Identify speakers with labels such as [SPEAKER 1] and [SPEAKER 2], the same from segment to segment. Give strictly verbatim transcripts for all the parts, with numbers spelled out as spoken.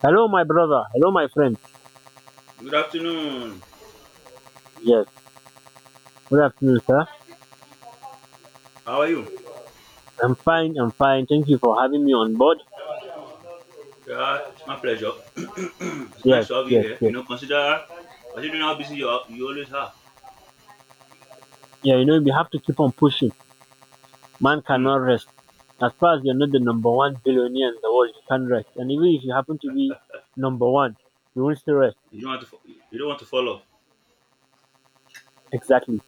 [SPEAKER 1] Hello, my brother. Hello, my friend.
[SPEAKER 2] Good afternoon.
[SPEAKER 1] Yes. Good afternoon, sir.
[SPEAKER 2] How are you?
[SPEAKER 1] I'm fine. I'm fine. Thank you for having me on board.
[SPEAKER 2] Yeah, it's my pleasure. It's
[SPEAKER 1] Yes,
[SPEAKER 2] nice to have you
[SPEAKER 1] yes,
[SPEAKER 2] here. You
[SPEAKER 1] yes.
[SPEAKER 2] know, consider considering how busy you are, you always are.
[SPEAKER 1] Yeah, you know, we have to keep on pushing. Man
[SPEAKER 2] Hmm.
[SPEAKER 1] cannot rest. As far as you're not the number one billionaire in the world, you can't rest. And even if you happen to be number one, you won't still rest.
[SPEAKER 2] You don't want to. fo- You don't want to fall off.
[SPEAKER 1] Exactly.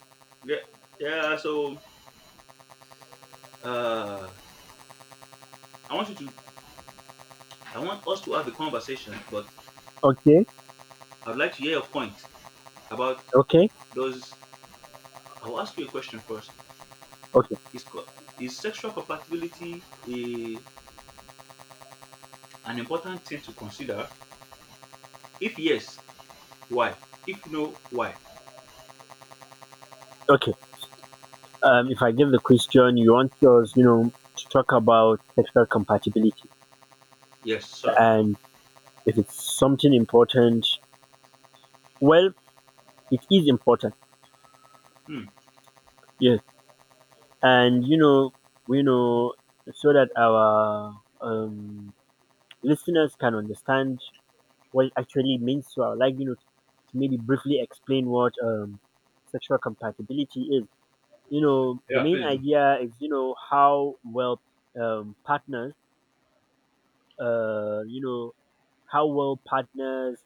[SPEAKER 2] Yeah. Yeah. So, uh, I want you to. I want us to have a conversation, but
[SPEAKER 1] Okay.
[SPEAKER 2] I'd like to hear your point about
[SPEAKER 1] Okay.
[SPEAKER 2] those. I'll ask you a question first.
[SPEAKER 1] Okay.
[SPEAKER 2] Is co- is sexual compatibility a, an important thing to consider? If yes, why? If no, why?
[SPEAKER 1] Okay. Um, if I give the question, you want yours, you know, to talk about sexual compatibility
[SPEAKER 2] Yes, sir.
[SPEAKER 1] and if it's something important. Well, it is important.
[SPEAKER 2] Hmm.
[SPEAKER 1] Yes, and you know, you know, so that our um, listeners can understand what it actually means. So I would like you know to maybe briefly explain what um, sexual compatibility is. You know, the
[SPEAKER 2] Yeah,
[SPEAKER 1] main
[SPEAKER 2] please do.
[SPEAKER 1] idea is you know how well um, partners, uh, you know, how well partners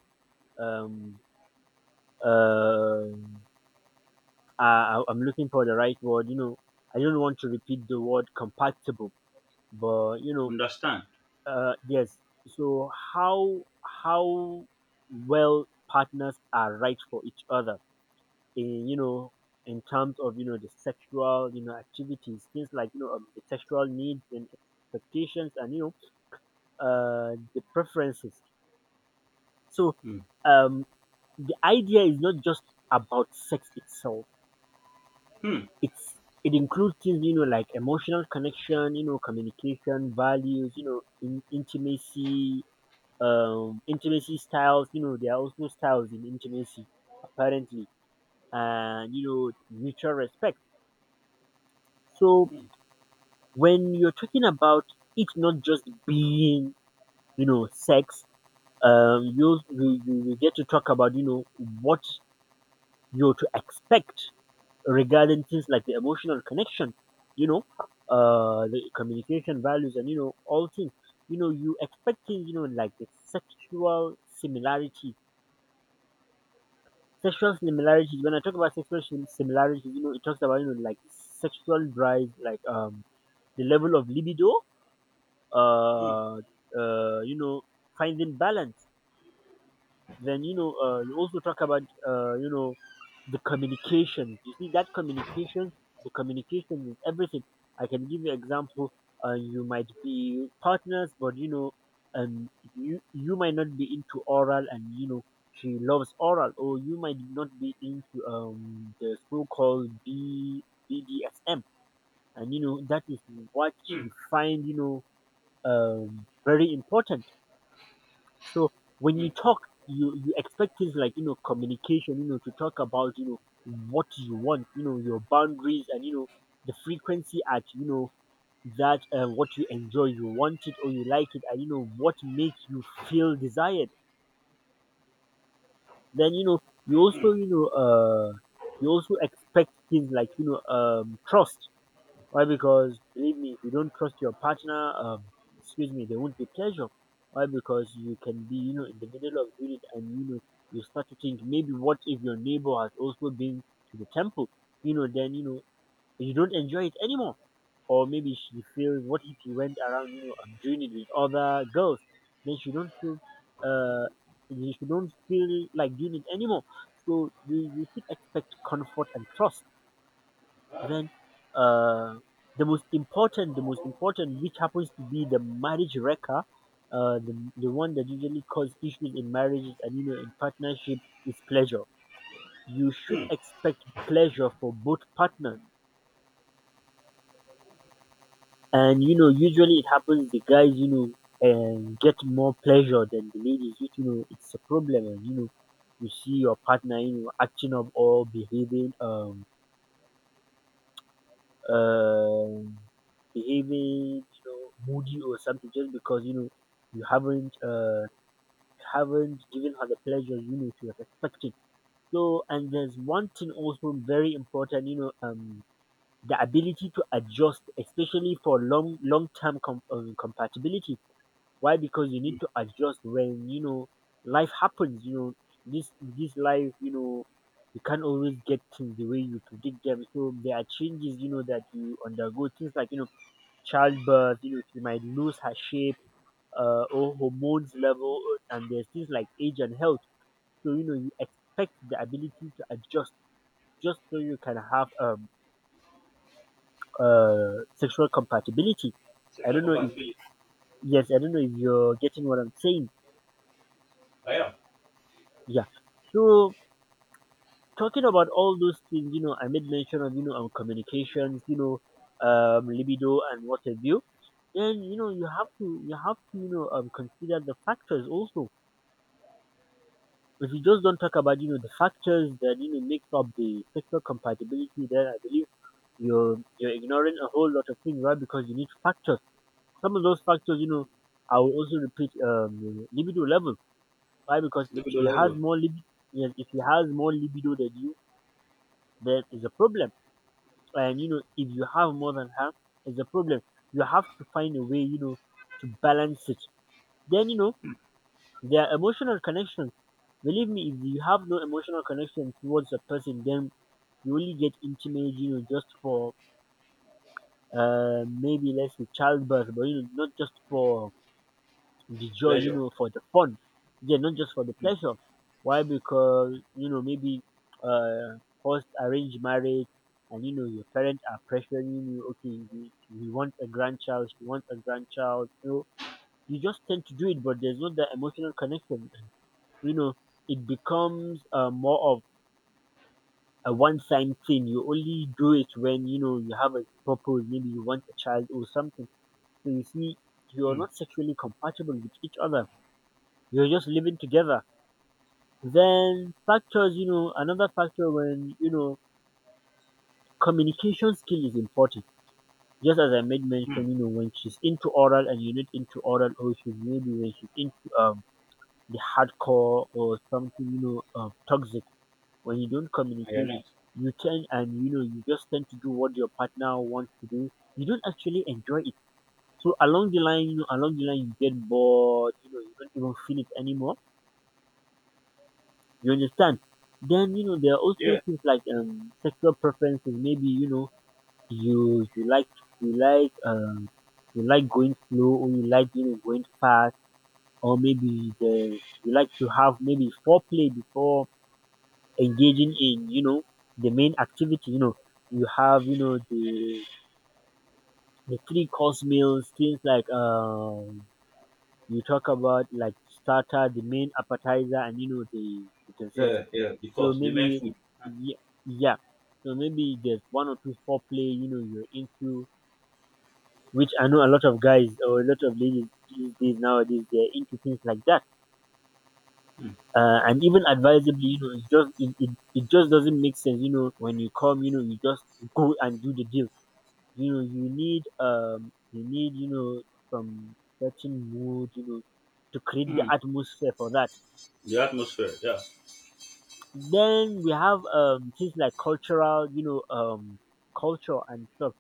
[SPEAKER 1] um uh I, i'm looking for the right word, you know. I don't want to repeat the word compatible, but you know.
[SPEAKER 2] Understand.
[SPEAKER 1] Uh, yes. So how how well partners are right for each other, in you know in terms of you know the sexual you know activities, things like you know um, the sexual needs and expectations, and you know uh the preferences. So
[SPEAKER 2] Mm.
[SPEAKER 1] um the idea is not just about sex itself.
[SPEAKER 2] Mm.
[SPEAKER 1] It's it includes things you know like emotional connection, you know communication, values, you know in, intimacy, um intimacy styles. You know, there are also styles in intimacy apparently, and you know mutual respect. So
[SPEAKER 2] Mm.
[SPEAKER 1] when you're talking about it, not just being you know sex, um you you, you you get to talk about you know what you're to expect regarding things like the emotional connection, you know uh the communication values, and you know all things you know you expect, things you know like the sexual similarity. Sexual similarities. When I talk about sexual sim- similarity, you know, it talks about, you know, like sexual drive, like um the level of libido,
[SPEAKER 2] Mm.
[SPEAKER 1] uh, uh, you know, finding balance. Then you know, uh, you also talk about uh, you know the communication. You see that communication, the communication is everything. I can give you example. Uh, you might be partners, but you know, um, you you might not be into oral, and you know she loves oral. Or you might not be into um the so-called B, BDSM, and you know that is what
[SPEAKER 2] Mm.
[SPEAKER 1] she find, you know um very important. So when you
[SPEAKER 2] Mm.
[SPEAKER 1] talk, you you expect things like you know communication, you know, to talk about you know what you want, you know, your boundaries, and you know the frequency at you know that uh, what you enjoy, you want it or you like it, and you know what makes you feel desired. Then you know you also
[SPEAKER 2] Mm.
[SPEAKER 1] you know uh you also expect things like you know um trust. Why? Because believe me, if you don't trust your partner, um, excuse me, there won't be pleasure. Why? Because you can be, you know, in the middle of doing it, and you know, you start to think, maybe what if your neighbor has also been to the temple? You know, then you know you don't enjoy it anymore. Or maybe she feels, what if she went around, you know, um, doing it with other girls? Then she don't feel, uh, she don't feel like doing it anymore. So you you should expect comfort and trust. Then uh, the most important, the most important, which happens to be the marriage wrecker, uh, the the one that usually causes issues in marriages and you know in partnership is pleasure. You should
[SPEAKER 2] Mm.
[SPEAKER 1] expect pleasure for both partners, and you know usually it happens the guys you know and get more pleasure than the ladies. Which, you know it's a problem, and you know you see your partner you know acting up or behaving um uh behaving, you know, moody or something just because you know you haven't uh haven't given her the pleasure you know she was expecting. So and there's one thing also very important, you know, um the ability to adjust, especially for long long term com- um, compatibility. Why? Because you need to adjust when you know life happens. You know this this life, you know you can't always get things the way you predict them. So there are changes, you know, that you undergo. Things like you know childbirth, you know, she might lose her shape uh, or hormones level, and there's things like age and health. So you know, you expect the ability to adjust just so you can have um uh sexual compatibility. I
[SPEAKER 2] Sexual
[SPEAKER 1] don't know if
[SPEAKER 2] compatibility.
[SPEAKER 1] yes, I don't know if you're getting what I'm saying.
[SPEAKER 2] I am.
[SPEAKER 1] Yeah. So talking about all those things, you know, I made mention of you know um communications, you know, um libido and what have you. Then you know you have to you have to you know um consider the factors also. If you just don't talk about you know the factors that you know makes up the sexual compatibility, then I believe you're you're ignoring a whole lot of things, right? Because you need factors. Some of those factors, you know, I will also repeat um libido level. Why? Because if
[SPEAKER 2] Libido
[SPEAKER 1] she has
[SPEAKER 2] level.
[SPEAKER 1] more libido, yes, if she has more libido than you, there is a problem. And you know, if you have more than her, it's a problem. You have to find a way, you know, to balance it. Then you know, there are emotional connections. Believe me, if you have no emotional connection towards a person, then you only get intimate, you know, just for uh, maybe let's say childbirth, but you know, not just for the joy, you
[SPEAKER 2] Pleasure.
[SPEAKER 1] know, for the fun. Yeah, not just for the pleasure. Why? Because you know maybe uh, post arranged marriage, and you know your parents are pressuring you. Okay, we, we want a grandchild. We want a grandchild. You know, you just tend to do it, but there's not that emotional connection. You know, it becomes uh, more of a one time thing. You only do it when you know you have a purpose. Maybe you want a child or something. So you see, you're
[SPEAKER 2] Mm.
[SPEAKER 1] not sexually compatible with each other. You're just living together. Then factors, you know, another factor when you know communication skill is important. Just as I made
[SPEAKER 2] Mm.
[SPEAKER 1] mention, you know, when she's into oral and you're not into oral, or she's maybe when she's into um the hardcore or something, you know, um, toxic, when you don't
[SPEAKER 2] I am
[SPEAKER 1] communicate,
[SPEAKER 2] not.
[SPEAKER 1] you tend and you know you just tend to do what your partner wants to do. You don't actually enjoy it. So along the line, you know, along the line, you get bored. You know, you don't even feel it anymore. You understand? Then you know there are also
[SPEAKER 2] Yeah.
[SPEAKER 1] things like um sexual preferences. Maybe you know you you like you like um you like going slow, or you like you know going fast, or maybe the you like to have maybe foreplay before engaging in, you know, the main activity, you know, you have, you know, the the three course meals, things like um you talk about like starter, the main appetizer, and you know the, the dessert.
[SPEAKER 2] Yeah. Yeah.
[SPEAKER 1] So
[SPEAKER 2] Because the main
[SPEAKER 1] maybe
[SPEAKER 2] food.
[SPEAKER 1] yeah, yeah. So maybe there's one or two foreplay, you know, you're into, which I know a lot of guys or a lot of ladies these days nowadays they're into things like that.
[SPEAKER 2] Mm.
[SPEAKER 1] Uh, and even advisably you know it just it, it, it just doesn't make sense you know when you come you know you just go and do the deal. You know you need um you need you know some certain mood, you know, to create the
[SPEAKER 2] Mm.
[SPEAKER 1] atmosphere for that.
[SPEAKER 2] The atmosphere. Yeah.
[SPEAKER 1] Then we have um things like cultural, you know um culture and stuff.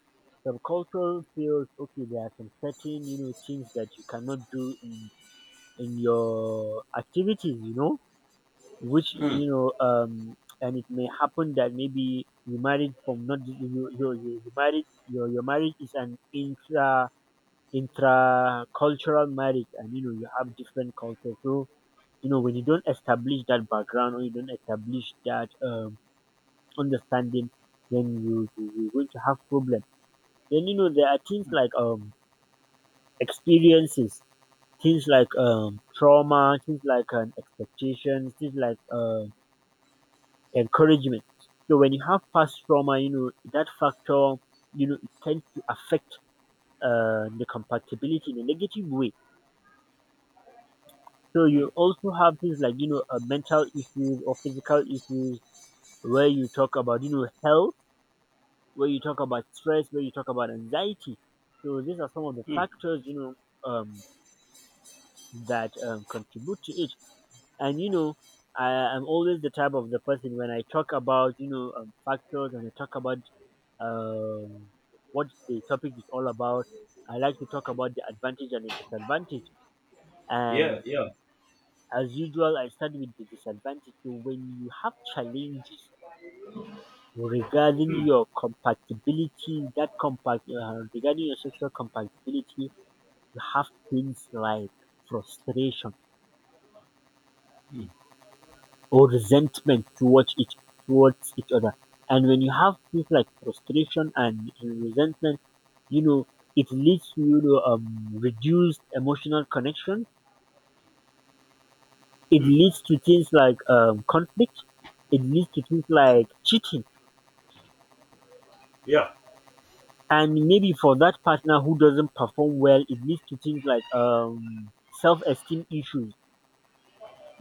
[SPEAKER 1] Some cultural fields, okay, there are some certain you know things that you cannot do in in your activities, you know, which
[SPEAKER 2] Mm.
[SPEAKER 1] you know um and it may happen that maybe you married from not you you you, you you married. your your marriage is an intra intra cultural marriage, and you know you have different cultures. So you know when you don't establish that background, or you don't establish that um understanding, then you, you you're going to have problem. Then you know there are things like um experiences, things like um trauma, things like um, expectations, things like uh encouragement. So when you have past trauma, you know that factor, you know, it tends to affect uh, the compatibility in a negative way. So
[SPEAKER 2] Mm.
[SPEAKER 1] you also have things like you know uh, mental issues or physical issues, where you talk about you know health, where you talk about stress, where you talk about anxiety. So these are some of the
[SPEAKER 2] Mm.
[SPEAKER 1] factors you know um, that um, contribute to it. And you know I am always the type of the person when I talk about you know um, factors, and I talk about um, what the topic is all about. I like to talk about the advantage and the disadvantage.
[SPEAKER 2] Yeah.
[SPEAKER 1] And
[SPEAKER 2] Yeah.
[SPEAKER 1] as usual, I start with the disadvantage. So when you have challenges regarding
[SPEAKER 2] Mm.
[SPEAKER 1] your compatibility, that compact uh, regarding your sexual compatibility, you have things like frustration
[SPEAKER 2] Mm.
[SPEAKER 1] or resentment towards each towards each other. And when you have things like frustration and resentment, you know, it leads to you know um reduced emotional connection, it
[SPEAKER 2] Mm.
[SPEAKER 1] leads to things like um conflict, it leads to things like cheating,
[SPEAKER 2] Yeah.
[SPEAKER 1] and maybe for that partner who doesn't perform well, it leads to things like um self-esteem issues,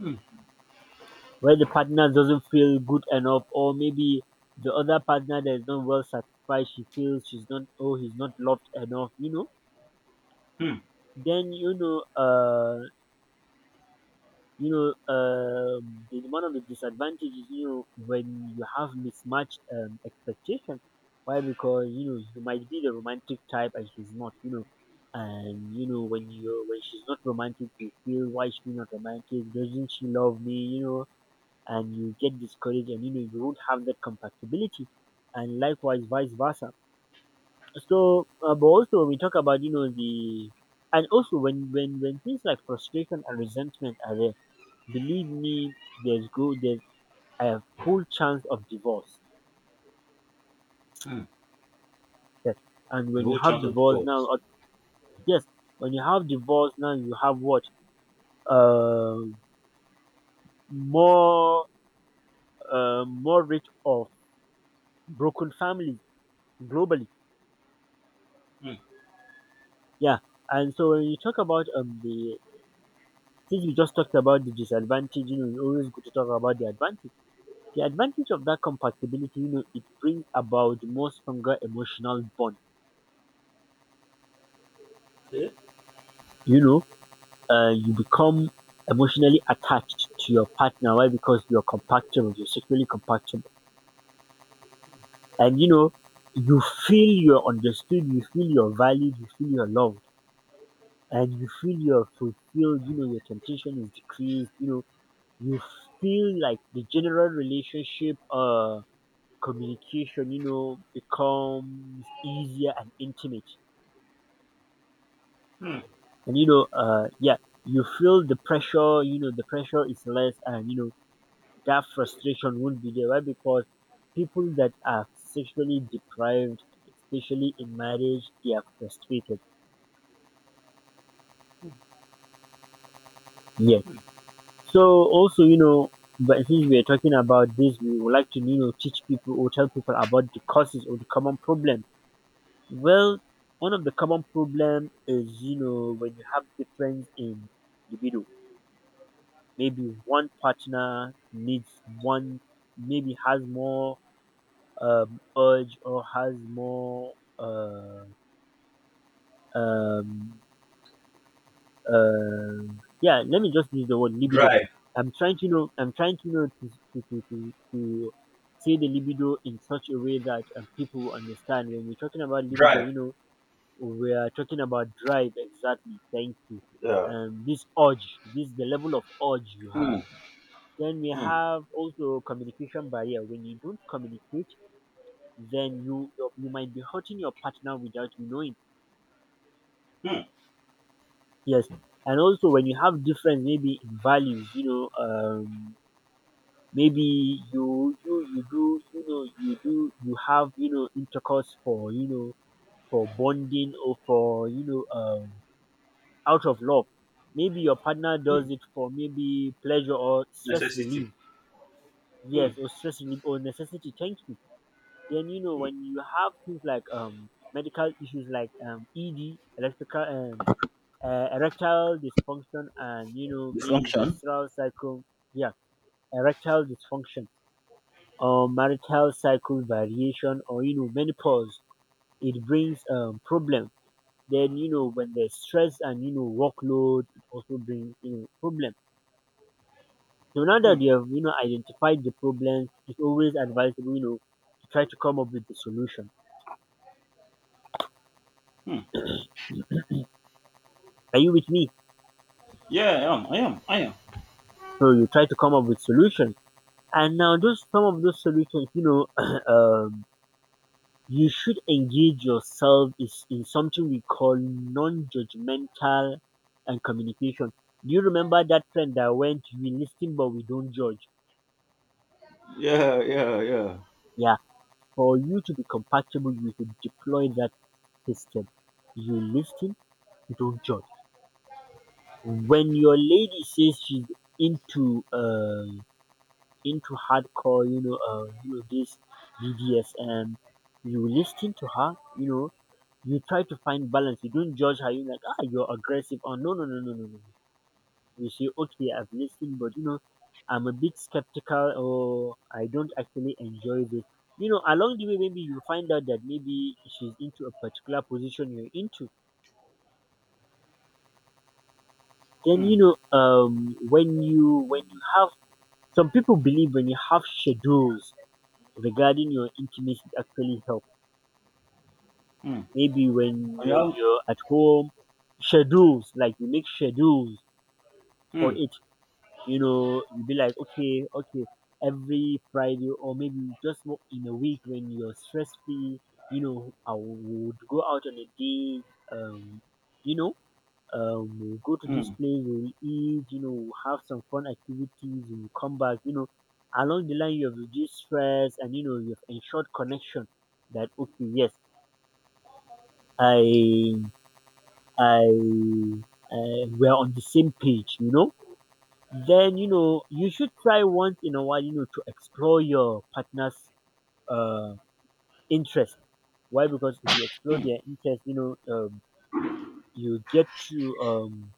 [SPEAKER 2] Mm.
[SPEAKER 1] where the partner doesn't feel good enough, or maybe the other partner that is not well satisfied, she feels she's not, oh he's not loved enough you know
[SPEAKER 2] Mm.
[SPEAKER 1] then you know uh You know, um, the, One of the disadvantages, you know, when you have mismatched um, expectations. Why? Because you know you might be the romantic type and she's not. You know, and you know when you when she's not romantic, you feel, why she not romantic? Doesn't she love me? You know, and you get discouraged, and you know you do not have that compatibility, and likewise vice versa. So, uh, but also when we talk about you know the and also when when when things like frustration and resentment are there, believe me, there's go there's a full chance of divorce.
[SPEAKER 2] Mm.
[SPEAKER 1] Yes. And
[SPEAKER 2] The
[SPEAKER 1] when you
[SPEAKER 2] whole
[SPEAKER 1] have
[SPEAKER 2] chance of
[SPEAKER 1] divorce now,
[SPEAKER 2] divorce.
[SPEAKER 1] uh, yes, when you have divorce now, you have what? Uh, more uh, more rate of broken families globally.
[SPEAKER 2] Mm.
[SPEAKER 1] Yeah. And so when you talk about um the since we just talked about the disadvantage, you know, it's always good to talk about the advantage. The advantage of that compatibility, you know, it brings about more stronger emotional bond.
[SPEAKER 2] Yeah.
[SPEAKER 1] You know, uh, you become emotionally attached to your partner. Why? Because you're compatible, you're sexually compatible. And you know, you feel you're understood, you feel you're valued, you feel you're loved, and you feel you're fulfilled. You know, your temptation is decreased. You know, you feel like the general relationship uh, communication, you know, becomes easier and intimate.
[SPEAKER 2] Mm.
[SPEAKER 1] And you know, uh, yeah, you feel the pressure, you know, the pressure is less, and you know, that frustration won't be there. Why? Because people that are sexually deprived, especially in marriage, they are frustrated. Yes.
[SPEAKER 2] Mm.
[SPEAKER 1] So also, you know, but since we are talking about this, we would like to, you know, teach people or tell people about the causes or the common problem. Well, one of the common problem is, you know, when you have difference in libido. Maybe one partner needs one, maybe has more um, urge or has more. Uh, um uh yeah, let me just use the word libido.
[SPEAKER 2] Drive.
[SPEAKER 1] I'm trying to know I'm trying to know to to, to, to, to say the libido in such a way that um, people will understand when we're talking about libido,
[SPEAKER 2] Drive.
[SPEAKER 1] you know, we are talking about drive. Exactly, thank you.
[SPEAKER 2] Yeah.
[SPEAKER 1] Um this urge, this the level of urge you have.
[SPEAKER 2] Mm.
[SPEAKER 1] Then we
[SPEAKER 2] Mm.
[SPEAKER 1] have also communication barrier. When you don't communicate, then you you might be hurting your partner without you knowing.
[SPEAKER 2] Mm.
[SPEAKER 1] Yes, and also when you have difference maybe in values, you know, um, maybe you you you do you know you do you have, you know, intercourse for you know for bonding, or for you know um out of love. Maybe your partner does it for maybe pleasure or stress
[SPEAKER 2] Necessity.
[SPEAKER 1] relief.
[SPEAKER 2] Mm.
[SPEAKER 1] Yes, or stress relief or necessity. Thank you. Then you know when you have things like um medical issues like um E D, electrical um uh, erectile dysfunction, and you know maybe
[SPEAKER 2] Dysfunction.
[SPEAKER 1] menstrual cycle. Yeah, erectile dysfunction, or marital cycle variation, or you know, menopause. It brings um problem. Then you know when there's stress and you know workload, it also brings you know problem. So now
[SPEAKER 2] Hmm.
[SPEAKER 1] that you have you know identified the problem, it's always advisable, you know, to try to come up with the solution.
[SPEAKER 2] Hmm.
[SPEAKER 1] Are you with me?
[SPEAKER 2] Yeah, I am. I am. I am.
[SPEAKER 1] So you try to come up with solutions. And now those some of those solutions, you know, um you should engage yourself is in something we call non-judgmental and communication. Do you remember that trend that went, we listen but we don't judge?
[SPEAKER 2] Yeah, yeah, yeah.
[SPEAKER 1] Yeah. For you to be compatible, you should deploy that system. You listen, you don't judge. When your lady says she's into uh into hardcore, you know, uh, you know this B D S M, you listen to her, you know, you try to find balance. You don't judge her. You're like, ah, you're aggressive. Or no, no, no, no, no, no. You say, okay, I've listened, but you know, I'm a bit skeptical, or I don't actually enjoy this. You know, along the way, maybe you find out that maybe she's into a particular position you're into. Then
[SPEAKER 2] Hmm.
[SPEAKER 1] you know, um, when you when you have, some people believe when you have schedules regarding your intimacy, it actually help.
[SPEAKER 2] Hmm.
[SPEAKER 1] Maybe when
[SPEAKER 2] I
[SPEAKER 1] when
[SPEAKER 2] am.
[SPEAKER 1] you're at home, schedules like you make schedules for
[SPEAKER 2] Hmm.
[SPEAKER 1] it, you know, you'll be like, okay, okay, every Friday, or maybe just wo- in a week when you're stress free, you know, I would go out on a date, um, you know, um, we'll go to this
[SPEAKER 2] Hmm.
[SPEAKER 1] place, we'll eat, you know, we'll have some fun activities, we'll come back, you know, along the line you have reduced stress, and you know you've ensured connection that, okay, yes, I I uh, we're on the same page, you know. Then you know you should try once in a while, you know, to explore your partner's uh, interest. Why? Because if you explore their interest, you know, um, you get to um,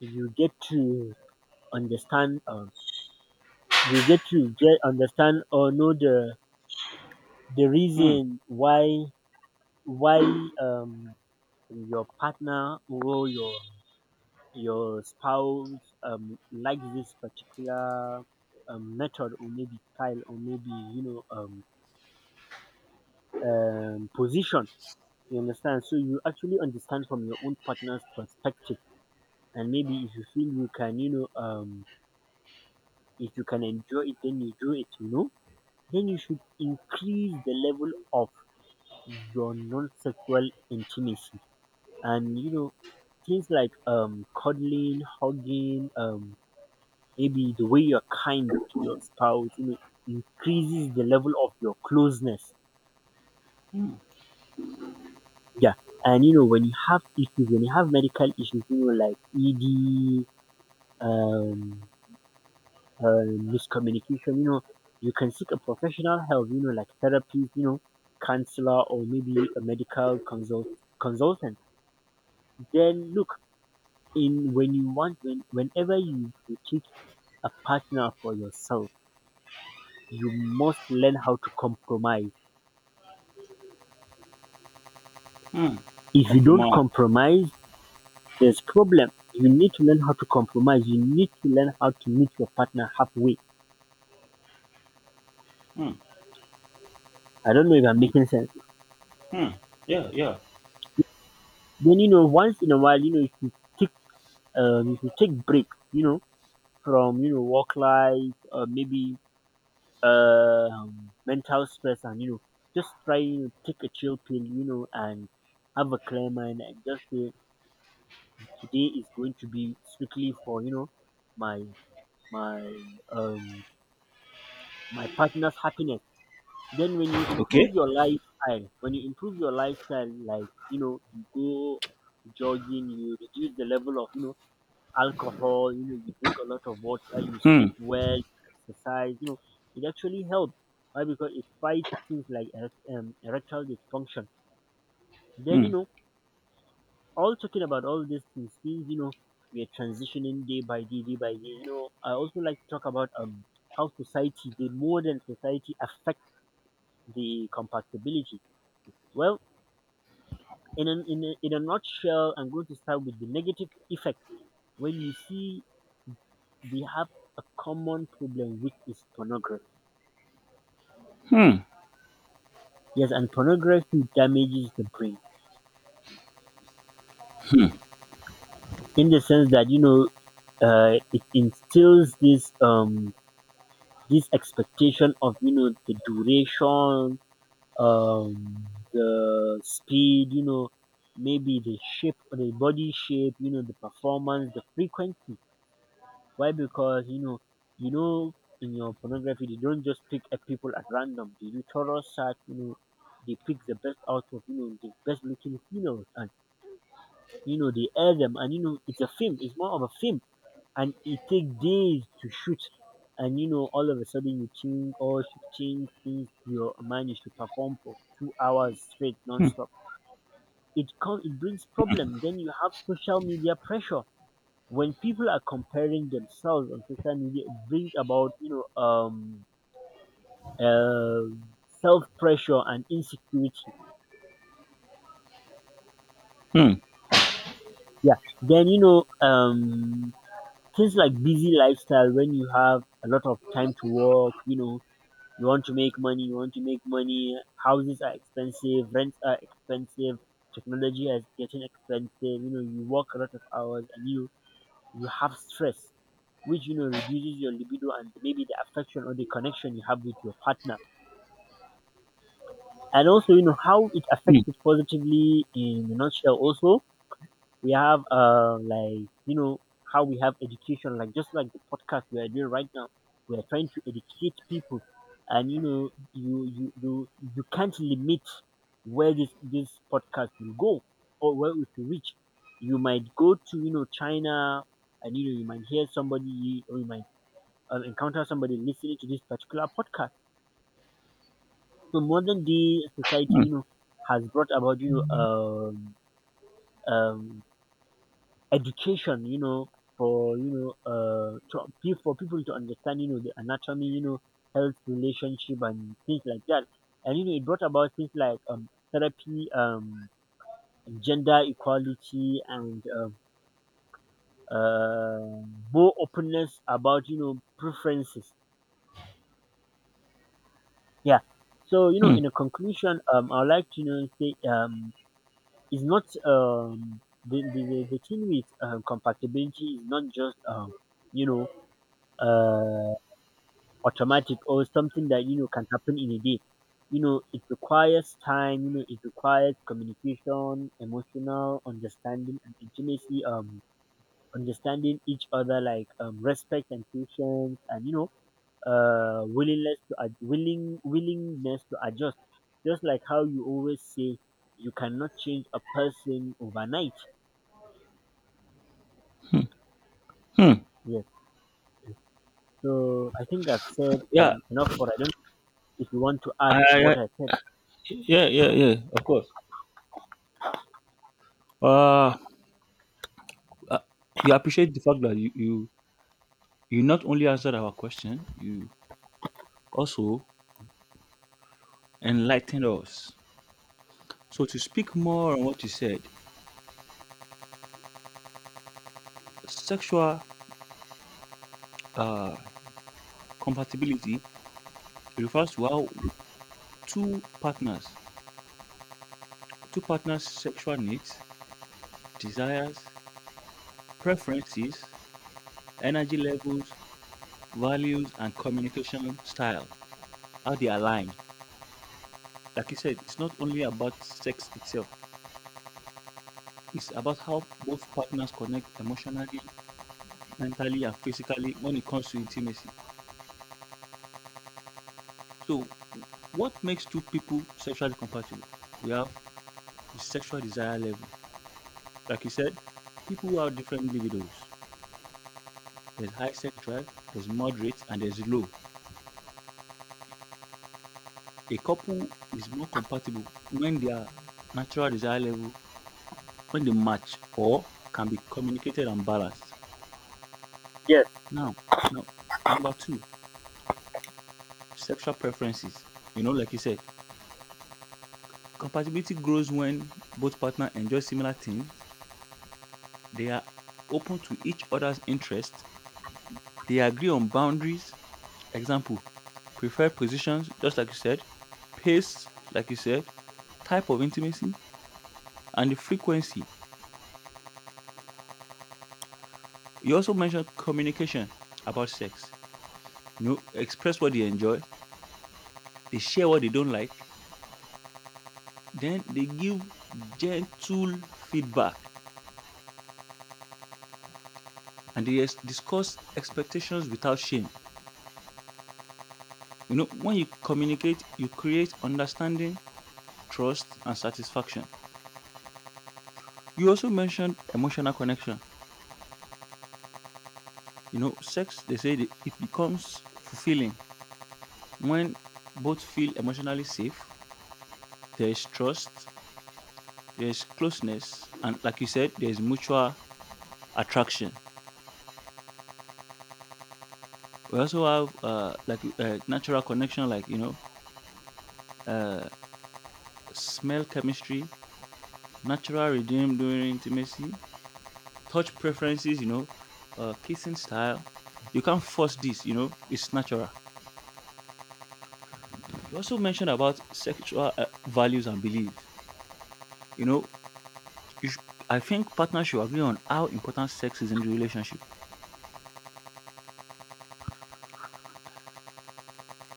[SPEAKER 1] you get to understand, um, you get to get understand or know the the
[SPEAKER 2] Hmm.
[SPEAKER 1] reason why why um, your partner or your your spouse um, likes this particular um, method, or maybe style, or maybe you know um, um, position. You understand? So you actually understand from your own partner's perspective, and maybe if you feel you can, you know, um, if you can enjoy it, then you do it. You know, then you should increase the level of your non-sexual intimacy, and you know, things like um, cuddling, hugging, um, maybe the way you're kind to your spouse. You know, increases the level of your closeness.
[SPEAKER 2] Hmm.
[SPEAKER 1] Yeah, and you know when you have issues, when you have medical issues, you know, like E D, um, uh, miscommunication, you know, you can seek a professional help, you know, like therapist, you know, counselor, or maybe a medical consult consultant. Then look, in when you want when whenever you, you take a partner for yourself, you must learn how to compromise.
[SPEAKER 2] Hmm.
[SPEAKER 1] If you don't
[SPEAKER 2] Compromise.
[SPEAKER 1] compromise, there's problem. You need to learn how to compromise. You need to learn how to meet your partner halfway.
[SPEAKER 2] Hmm.
[SPEAKER 1] I don't know if I'm
[SPEAKER 2] Hmm.
[SPEAKER 1] making sense.
[SPEAKER 2] Hmm. Yeah, yeah.
[SPEAKER 1] Then you know, once in a while, you know, you should take um, you should take break, you know, from you know work life, or maybe um mental stress, and you know, just try to take a chill pill, you know, and have a clear mind, and just say today is going to be strictly for you know my my um my partner's happiness. Then when you improve
[SPEAKER 2] Okay.
[SPEAKER 1] your lifestyle, when you improve your lifestyle, like you know, you go jogging, you reduce the level of you know alcohol, you know, you drink a lot of water, you
[SPEAKER 2] Hmm.
[SPEAKER 1] sleep well, you exercise, you know, it actually helps. Why? Because it fights things like erect- um, erectile dysfunction. Then,
[SPEAKER 2] Hmm.
[SPEAKER 1] you know, all talking about all these things, things, you know, we are transitioning day by day, day by day. You know, I also like to talk about um how society, the modern society, affect the compatibility. Well, in a, in a, in a nutshell, I'm going to start with the negative effect. Well, you see, we have a common problem, which is pornography.
[SPEAKER 2] Hmm.
[SPEAKER 1] Yes, and pornography damages the brain in the sense that you know, uh, it instills this um this expectation of you know the duration, um the speed, you know, maybe the shape, the body shape, you know, the performance, the frequency. Why? Because you know you know in your pornography they don't just pick a people at random. They do thorough search. You know they pick the best out of you know the best looking females, you know, they air them, and you know it's a film, it's more of a film, and it takes days to shoot. And you know all of a sudden you think, oh, you shooting things, you manage to perform for two hours straight non-stop. It cause it brings problem. Then you have social media pressure. When people are comparing themselves on social media, it brings about, you know, um uh, self pressure and insecurity.
[SPEAKER 2] Hmm.
[SPEAKER 1] Yeah. Then you know, um Things like busy lifestyle when you have a lot of time to work, you know, you want to make money, you want to make money, houses are expensive, rents are expensive, technology is getting expensive, you know, you work a lot of hours and you you have stress which you know reduces your libido and maybe the affection or the connection you have with your partner. And also, you know, how it
[SPEAKER 2] Hmm.
[SPEAKER 1] affects it positively in a nutshell also we have uh like you know how we have education, like just like the podcast we are doing right now. We are trying to educate people, and you know you you you, you can't limit where this this podcast will go or where it will reach. You might go to, you know, China, and you know you might hear somebody or you might uh, encounter somebody listening to this particular podcast. So modern day society,
[SPEAKER 2] Hmm.
[SPEAKER 1] you know, has brought about, you know um um education, you know, for you know, uh, to, pe- for people to understand, you know, the anatomy, you know, health relationship and things like that. And you know, it brought about things like um therapy, um, gender equality, and um, uh, more openness about you know preferences. Yeah. So you know,
[SPEAKER 2] Hmm.
[SPEAKER 1] in a conclusion, um, I'd like to you know say, um, it's not um the the the, the thing with, um, compatibility is not just, um you know uh automatic or something that you know can happen in a day. You know, it requires time. You know, it requires communication, emotional understanding, and intimacy. Um, understanding each other, like, um, respect and patience, and you know, uh, willingness to ad- willing willingness to adjust. Just like how you always say, you cannot change a person overnight.
[SPEAKER 2] Hmm.
[SPEAKER 1] Yes. So I think I've said,
[SPEAKER 2] Yeah.
[SPEAKER 1] um, enough. For I don't know if you want to add
[SPEAKER 2] I, I,
[SPEAKER 1] to
[SPEAKER 2] I.
[SPEAKER 1] what I said.
[SPEAKER 2] Yeah. Yeah. Yeah. Of course. Uh, uh, we appreciate the fact that you you you not only answered our question, you also enlightened us. So to speak more on what you said, sexual uh, compatibility refers to how two partners two partners sexual needs, desires, preferences, energy levels, values and communication style, how they align. Like you said, it's not only about sex itself, it's about how both partners connect emotionally, mentally and physically when it comes to intimacy. So what makes two people sexually compatible? We have the sexual desire level. Like you said, people who have different libidos, there's high sex drive, there's moderate, and there's low. A couple is more compatible when their natural desire level, when they match or can be communicated and balanced.
[SPEAKER 1] Yes,
[SPEAKER 2] Now, now number two, sexual preferences. You know, like you said, compatibility grows when both partners enjoy similar things. They are open to each other's interests. They agree on boundaries. Example, preferred positions, just like you said, pace, like you said, type of intimacy, and the frequency. You also mentioned communication about sex. You know, express what they enjoy, they share what they don't like, then they give gentle feedback and they ex- discuss expectations without shame. You know, when you communicate, you create understanding, trust, and satisfaction. You also mentioned emotional connection. You know, sex, they say that it becomes fulfilling when both feel emotionally safe, there is trust, there's closeness, and like you said, there's mutual attraction. We also have uh, like uh, natural connection, like you know, uh, smell chemistry, natural rhythm during intimacy, touch preferences, you know, uh, kissing style. You can't force this, you know, it's natural. You also mentioned about sexual uh, values and beliefs. You know, you sh- I think partners should agree on how important sex is in the relationship.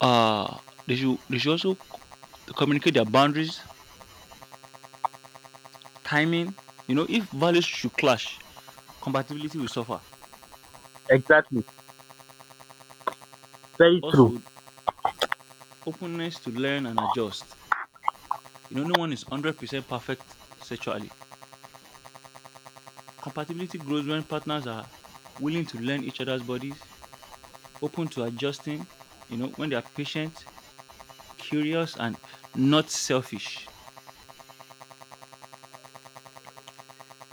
[SPEAKER 2] uh they should they should also c- communicate their boundaries, timing. You know, if values should clash, compatibility will suffer.
[SPEAKER 1] exactly. Very true.
[SPEAKER 2] Also, openness to learn and adjust. You know, no one is one hundred percent perfect sexually. Compatibility grows when partners are willing to learn each other's bodies, open to adjusting, you know, when they are patient, curious, and not selfish.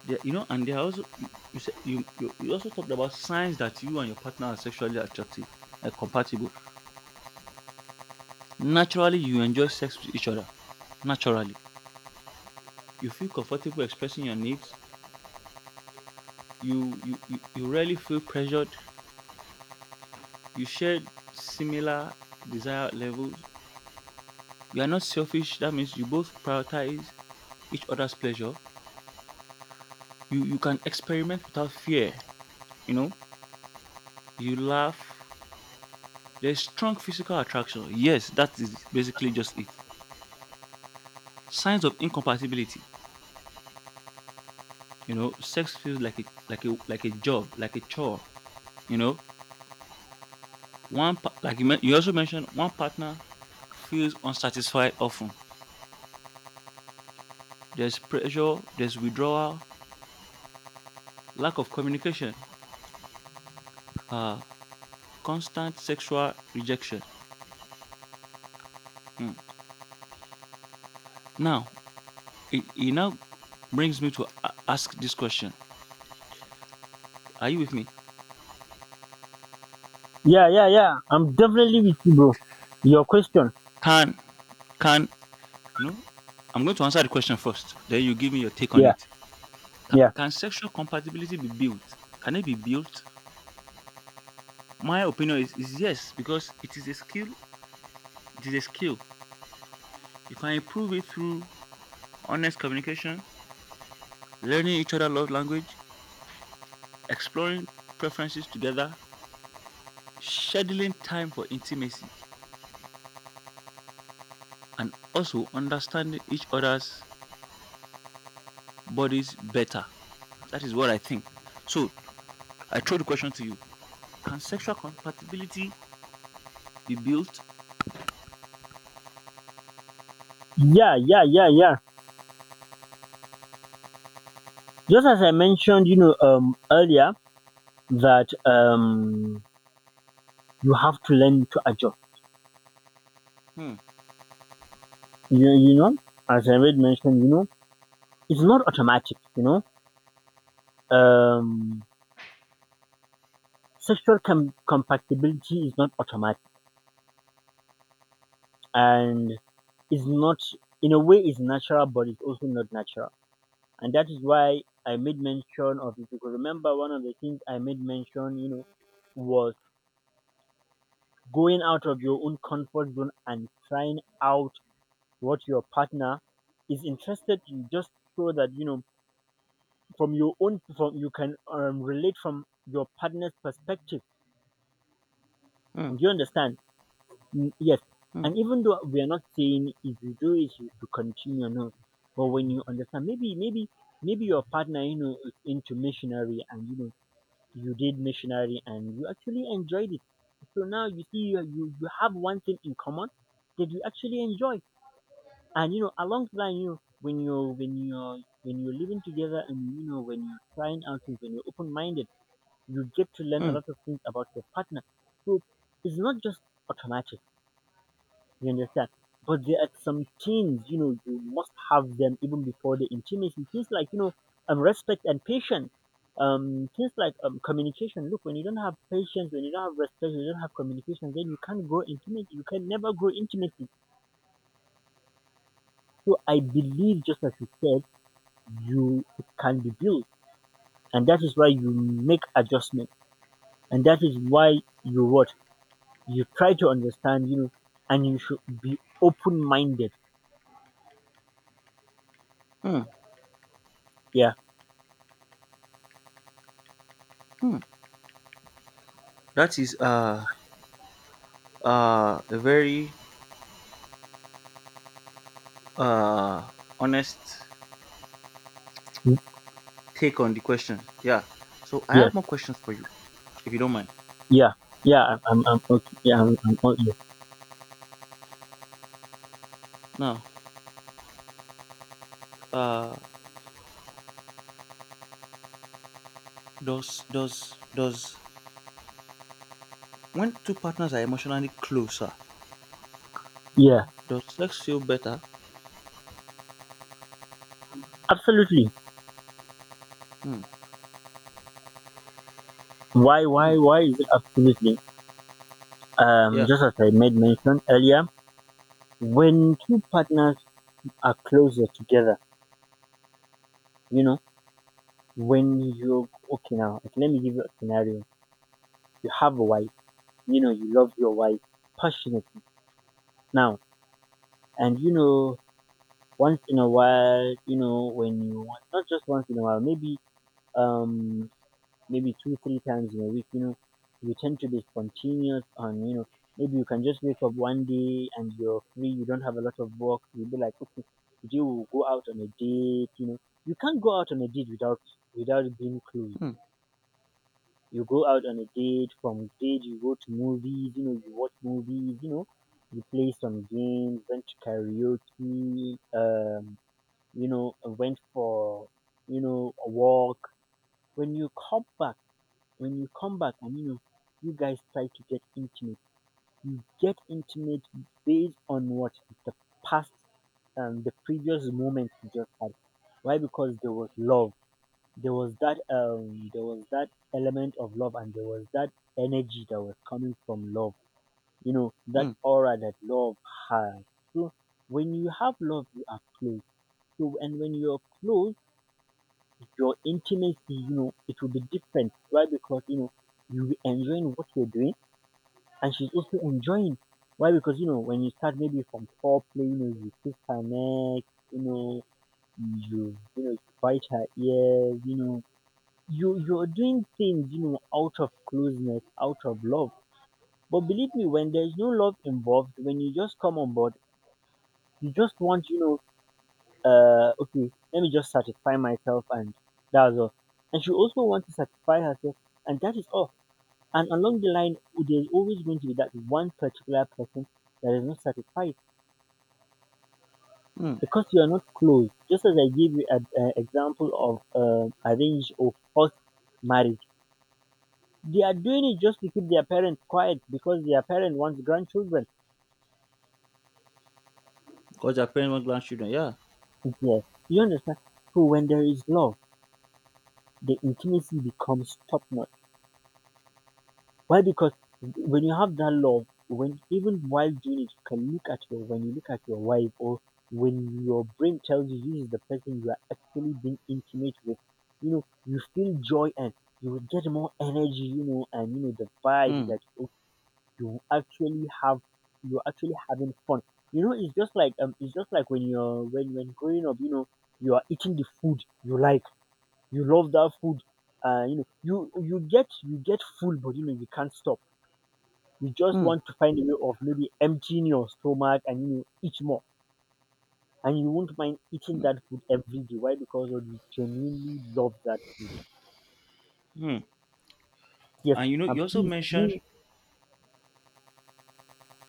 [SPEAKER 2] They, you know, and they are also you you, said- you you you also talked about signs that you and your partner are sexually attractive and compatible. Naturally, you enjoy sex with each other naturally, you feel comfortable expressing your needs, you you you, you rarely feel pressured, you share similar desire levels, you are not selfish, that means you both prioritize each other's pleasure, you you can experiment without fear, you know, you laugh, there's strong physical attraction. Yes, that is basically just it. Signs of incompatibility. You know, sex feels like a, like a like a job, like a chore. You know, one pa- like you, men- you also mentioned one partner feels unsatisfied often. There's pressure, there's withdrawal, lack of communication, uh, constant sexual rejection. Hmm. Now, it, it now brings me to a- ask this question. Are you with me?
[SPEAKER 1] Yeah, yeah, yeah. I'm definitely with you, bro. Your question.
[SPEAKER 2] Can, can, no, I'm going to answer the question first. Then you give me your take on
[SPEAKER 1] Yeah,
[SPEAKER 2] it. Can,
[SPEAKER 1] yeah,
[SPEAKER 2] can sexual compatibility be built? Can it be built? My opinion is, is yes, because it is a skill. It is a skill. You can improve it through honest communication, learning each other love language, exploring preferences together, scheduling time for intimacy, and also understanding each other's bodies better. That is what I think. So I throw the question to you. Can sexual compatibility be built?
[SPEAKER 1] yeah, yeah, yeah, yeah. Just as I mentioned, you know, um, earlier that, um, you have to learn to adjust.
[SPEAKER 2] Hmm.
[SPEAKER 1] You, you know, as I already mentioned, you know, it's not automatic. You know, um, sexual com- compatibility is not automatic, and it's not, in a way it's natural, but it's also not natural. And that is why I made mention of it. Because remember, one of the things I made mention, you know, was going out of your own comfort zone and trying out what your partner is interested in, just so that you know from your own from you can, um, relate from your partner's perspective.
[SPEAKER 2] Hmm.
[SPEAKER 1] Do you understand? Mm, yes.
[SPEAKER 2] Hmm.
[SPEAKER 1] And even though we are not saying if you do it, you should continue, no. But when you understand, maybe, maybe, maybe your partner, you know, is into missionary, and you know you did missionary and you actually enjoyed it. So now you see, you, you, you have one thing in common that you actually enjoy. And you know, along the line, you know, when you're when you're when you're living together, and you know when you're trying out things, when you're open minded, you get to learn a
[SPEAKER 2] Hmm.
[SPEAKER 1] lot of things about your partner. So it's not just automatic. You understand? But there are some things, you know, you must have them even before the intimacy. Things like, you know, um, respect and patience. Um, things like, um, communication. Look, when you don't have patience, when you don't have respect, you don't have communication, then you can't grow intimacy. You can never grow intimacy. So I believe, just as you said, you it can be built, and that is why you make adjustment, and that is why you what you try to understand, you know, and you should be open-minded.
[SPEAKER 2] Hmm.
[SPEAKER 1] Yeah.
[SPEAKER 2] Hmm. That is uh, uh, a very uh, honest
[SPEAKER 1] Mm.
[SPEAKER 2] take on the question. Yeah. So I
[SPEAKER 1] Yes.
[SPEAKER 2] have more questions for you, if you don't mind.
[SPEAKER 1] Yeah, yeah, I'm, I'm, I'm okay. Yeah, I'm, I'm okay.
[SPEAKER 2] Now, uh, does does does when two partners are emotionally closer,
[SPEAKER 1] Yeah,
[SPEAKER 2] does sex feel better?
[SPEAKER 1] absolutely.
[SPEAKER 2] Hmm.
[SPEAKER 1] Why,
[SPEAKER 2] Hmm.
[SPEAKER 1] why, why is it absolutely? Um,
[SPEAKER 2] Yeah.
[SPEAKER 1] just as I made mention earlier, when two partners are closer together, you know, when you okay now, okay, let me give you a scenario. You have a wife, you know, you love your wife passionately now, and you know, once in a while, you know, when you want, not just once in a while, maybe um maybe two, three times in a week, you know, you tend to be spontaneous on, you know, maybe you can just wake up one day and you're free, you don't have a lot of work, you'll be like, okay, today we'll go out on a date, you know. You can't go out on a date without without being clued.
[SPEAKER 2] Hmm.
[SPEAKER 1] You go out on a date, from date you go to movies, you know, you watch movies, you know, you play some games, went to karaoke, um, you know, went for, you know, a walk. When you come back when you come back and you know you guys try to get intimate, you get intimate based on what the past um the previous moment you just had. Why? Because there was love. There was that um there was that element of love, and there was that energy that was coming from love. You know, that
[SPEAKER 2] Hmm.
[SPEAKER 1] aura that love has. So when you have love you are close. So and when you're close your intimacy, you know, it will be different. Why? Because, you know, you'll be enjoying what you're doing and she's also enjoying. Why? Because you know when you start maybe from foreplay, you know you kiss her neck, you know you you know you bite her ears, you know you you're doing things, you know, out of closeness, out of love. But believe me, when there's no love involved, when you just come on board, you just want, you know uh okay, let me just satisfy myself and that's all. And she also wants to satisfy herself, and that is all. And along the line, there's always going to be that one particular person that is not satisfied
[SPEAKER 2] Hmm.
[SPEAKER 1] because you are not close. Just as I gave you an, uh, example of, uh, arranged or forced marriage, they are doing it just to keep their parents quiet because their parent wants grandchildren.
[SPEAKER 2] Because they're parents want grandchildren. Yeah.
[SPEAKER 1] Yes, you understand. So when there is love, the intimacy becomes top notch. Why? Because when you have that love, when even while doing it, you can look at your when you look at your wife or when your brain tells you this is the person you are actually being intimate with, you know, you feel joy and you will get more energy, you know, and you know the vibe is
[SPEAKER 2] Hmm.
[SPEAKER 1] that oh, you actually have you're actually having fun. You know, it's just like, um, it's just like when you're when when growing up, you know, you are eating the food you like, you love that food, uh, you know, you you get you get full, but you know you can't stop, you just
[SPEAKER 2] Hmm.
[SPEAKER 1] want to find a way of maybe emptying your stomach and, you know, eat more. And you won't mind eating that food every day. Why? Because of you genuinely love that food.
[SPEAKER 2] Hmm.
[SPEAKER 1] Yes.
[SPEAKER 2] And you know, you
[SPEAKER 1] And
[SPEAKER 2] also
[SPEAKER 1] please
[SPEAKER 2] mentioned.
[SPEAKER 1] do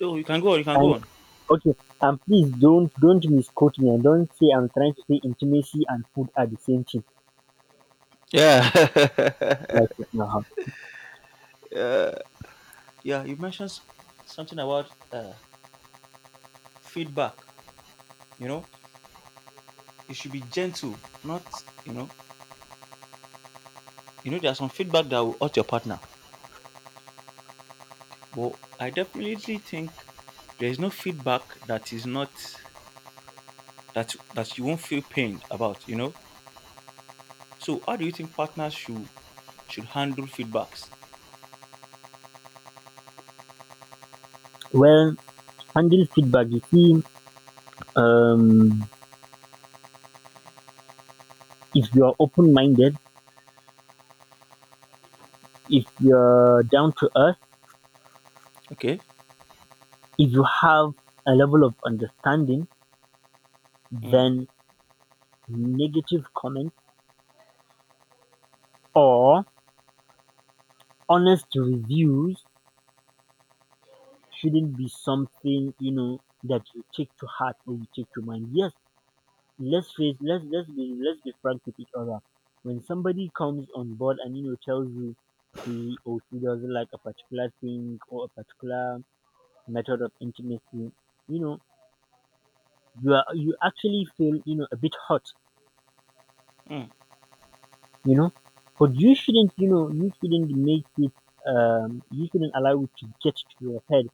[SPEAKER 2] Oh, you can go on. You can go
[SPEAKER 1] and
[SPEAKER 2] on.
[SPEAKER 1] okay. And please don't don't misquote me, and don't say I'm trying to say intimacy and food are the same thing.
[SPEAKER 2] Yeah.
[SPEAKER 1] Okay. Uh-huh.
[SPEAKER 2] Yeah, you mentioned s- something about uh, feedback. You know, it should be gentle, not you know. You know, there's some feedback that will hurt your partner, but I definitely think there is no feedback that is not that that you won't feel pained about, you know. So how do you think partners should should handle feedbacks?
[SPEAKER 1] Well, handle feedback. You see, um, if you are open minded, if you're down to earth,
[SPEAKER 2] Okay.
[SPEAKER 1] if you have a level of understanding,
[SPEAKER 2] Mm,
[SPEAKER 1] then negative comments or honest reviews shouldn't be something, you know, that you take to heart or you take to mind. Yes, let's face let's let's be let's be frank with each other. When somebody comes on board and you know tells you he or she doesn't like a particular thing or a particular method of intimacy, you know, you are you actually feel, you know, a bit hot,
[SPEAKER 2] mm,
[SPEAKER 1] you know. But you shouldn't, you know, you shouldn't make it, um you shouldn't allow it to get to your head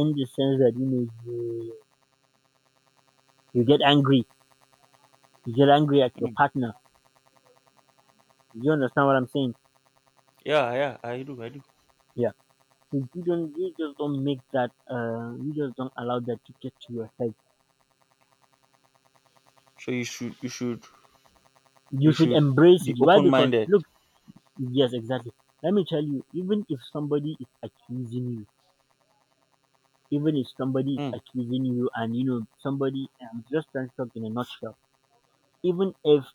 [SPEAKER 1] in the sense that you know you you get angry, you get angry at your
[SPEAKER 2] mm.
[SPEAKER 1] partner. You understand what I'm saying?
[SPEAKER 2] Yeah, yeah, I do, I do.
[SPEAKER 1] Yeah. You you don't you just don't make that, uh you just don't allow that to get to your head.
[SPEAKER 2] So you should you should
[SPEAKER 1] You
[SPEAKER 2] you
[SPEAKER 1] should
[SPEAKER 2] should
[SPEAKER 1] embrace it.
[SPEAKER 2] be
[SPEAKER 1] Why?
[SPEAKER 2] open
[SPEAKER 1] Because
[SPEAKER 2] minded.
[SPEAKER 1] look, yes, exactly. Let me tell you, even if somebody is accusing you, even if somebody is
[SPEAKER 2] Mm,
[SPEAKER 1] accusing you and you know somebody, I'm just trying to talk in a nutshell. Even if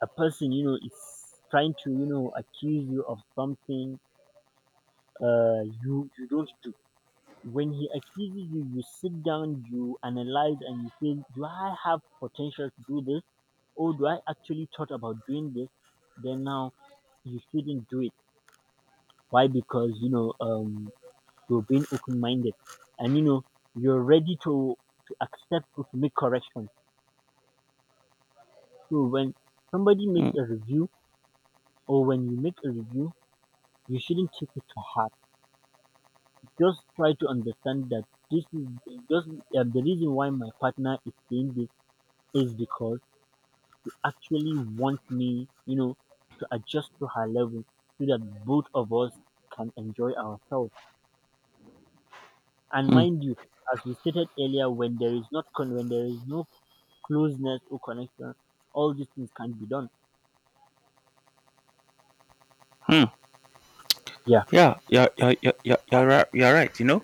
[SPEAKER 1] a person, you know, is trying to, you know, accuse you of something, uh you you don't do when he accuses you, you sit down, you analyze, and you say, do I have potential to do this? Or do I actually thought about doing this? Then now you shouldn't do it. Why? Because you know, um, you're being open minded and you know, you're ready to, to accept or to make corrections. So when somebody makes
[SPEAKER 2] mm,
[SPEAKER 1] a review or when you make a review, you shouldn't take it to heart. Just try to understand that this is just um, the reason why my partner is saying this is because actually want me, you know, to adjust to her level so that both of us can enjoy ourselves. And
[SPEAKER 2] mm,
[SPEAKER 1] mind you, as we stated earlier, when there is not con- when there is no closeness or connection, all these things can be done.
[SPEAKER 2] mm.
[SPEAKER 1] Yeah.
[SPEAKER 2] Yeah, yeah, yeah, yeah, yeah, you're right, you're right, you know.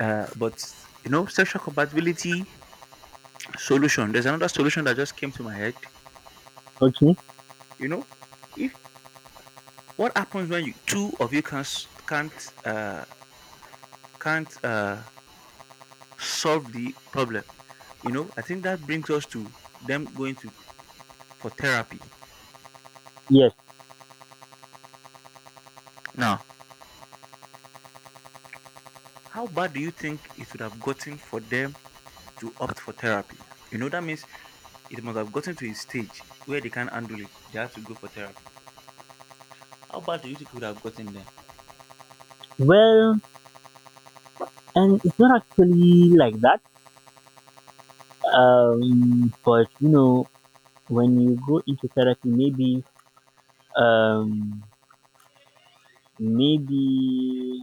[SPEAKER 2] Uh, but you know, sexual compatibility solution. There's another solution that just came to my head.
[SPEAKER 1] Okay.
[SPEAKER 2] You know, if what happens when you two of you can't s- can't uh, can't uh, solve the problem. You know, I think that brings us to them going to for therapy.
[SPEAKER 1] Yes.
[SPEAKER 2] Now, how bad do you think it would have gotten for them to opt for therapy? You know, that means it must have gotten to a stage where they can't handle it. They had to go for therapy. How bad do you think it would have gotten them?
[SPEAKER 1] Well, and it's not actually like that. Um, but you know, when you go into therapy, maybe um, maybe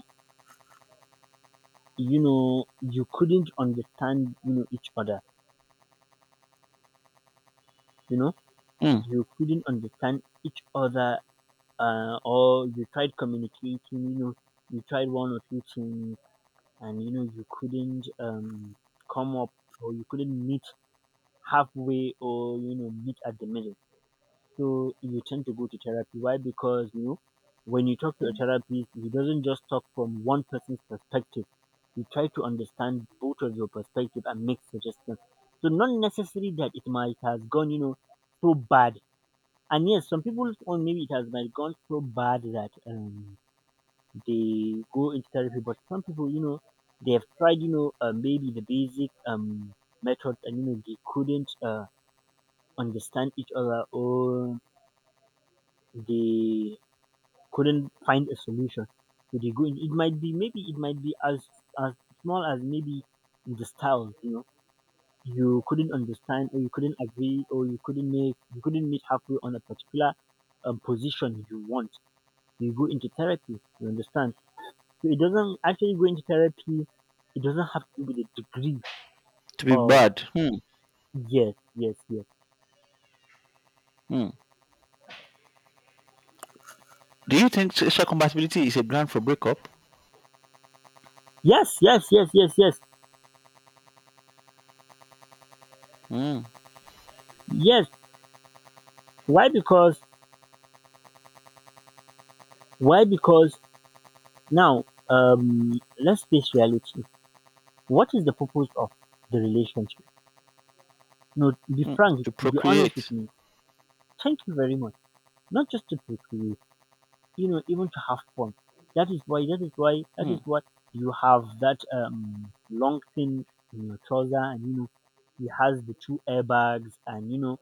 [SPEAKER 1] you know you couldn't understand you know each other you know
[SPEAKER 2] Hmm.
[SPEAKER 1] you couldn't understand each other, uh, or you tried communicating, you know, you tried one or two things and you know you couldn't um, come up or you couldn't meet halfway or you know meet at the middle. So you tend to go to therapy. Why? Because you know when you talk to a therapist, he doesn't just talk from one person's perspective. He tries to understand both of your perspective and make suggestions. So not necessarily that it might has gone, you know, so bad and yes, some people, or maybe it has might gone so bad that um, they go into therapy. But some people, you know, they have tried, you know, uh, maybe the basic um method, and you know, they couldn't uh, understand each other, or they couldn't find a solution. So they go in. It might be maybe it might be as as small as maybe the styles, you know. You couldn't understand, or you couldn't agree, or you couldn't make, you couldn't meet halfway on a particular um, position you want you go into therapy, you understand? So it doesn't actually go into therapy, it doesn't have to be the degree
[SPEAKER 2] To be
[SPEAKER 1] of
[SPEAKER 2] bad. Hmm.
[SPEAKER 1] yes, yes, yes.
[SPEAKER 2] Hmm. Do you think sexual compatibility is a ground for breakup?
[SPEAKER 1] Yes, yes, yes, yes, yes.
[SPEAKER 2] Hmm.
[SPEAKER 1] Yes. Why? Because why? Because now um let's face reality. What is the purpose of the relationship? No, be
[SPEAKER 2] Hmm.
[SPEAKER 1] frank,
[SPEAKER 2] To
[SPEAKER 1] be honest with
[SPEAKER 2] procreate.
[SPEAKER 1] me. Thank you very much. Not just to procreate, you know, even to have fun. That is why, that is why, that
[SPEAKER 2] Hmm.
[SPEAKER 1] is what you have that um long thing in your trouser, and you know, it has the two airbags, and you know,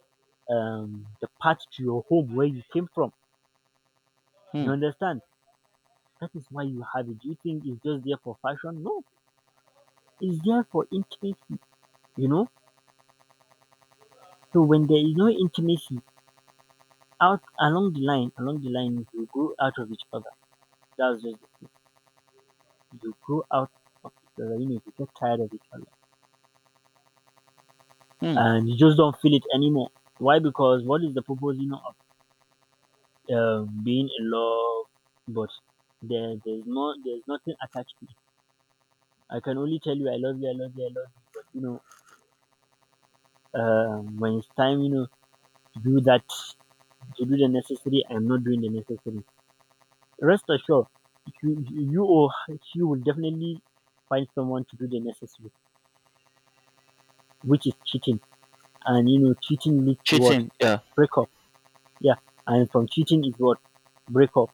[SPEAKER 1] um, the path to your home where you came from. You
[SPEAKER 2] Hmm.
[SPEAKER 1] understand? That is why you have it. Do you think it's just there for fashion? No, it's there for intimacy. You know, so when there is no intimacy out along the line, along the line, you grow out of each other. That's just it. You grow out of each other. You know, you get tired of each other
[SPEAKER 2] Hmm.
[SPEAKER 1] and you just don't feel it anymore. Why? Because what is the purpose, you know, of um, being in love? But there, there's no, there's nothing attached to it. I can only tell you, I love you, I love you, I love you. But you know, um, when it's time, you know, to do that, to do the necessary, I'm not doing the necessary. Rest assured, you, you or she will definitely find someone to do the necessary, which is cheating. And you know, cheating leads to what?
[SPEAKER 2] Cheating. Yeah.
[SPEAKER 1] Breakup. Yeah. And from cheating is what? Breakup.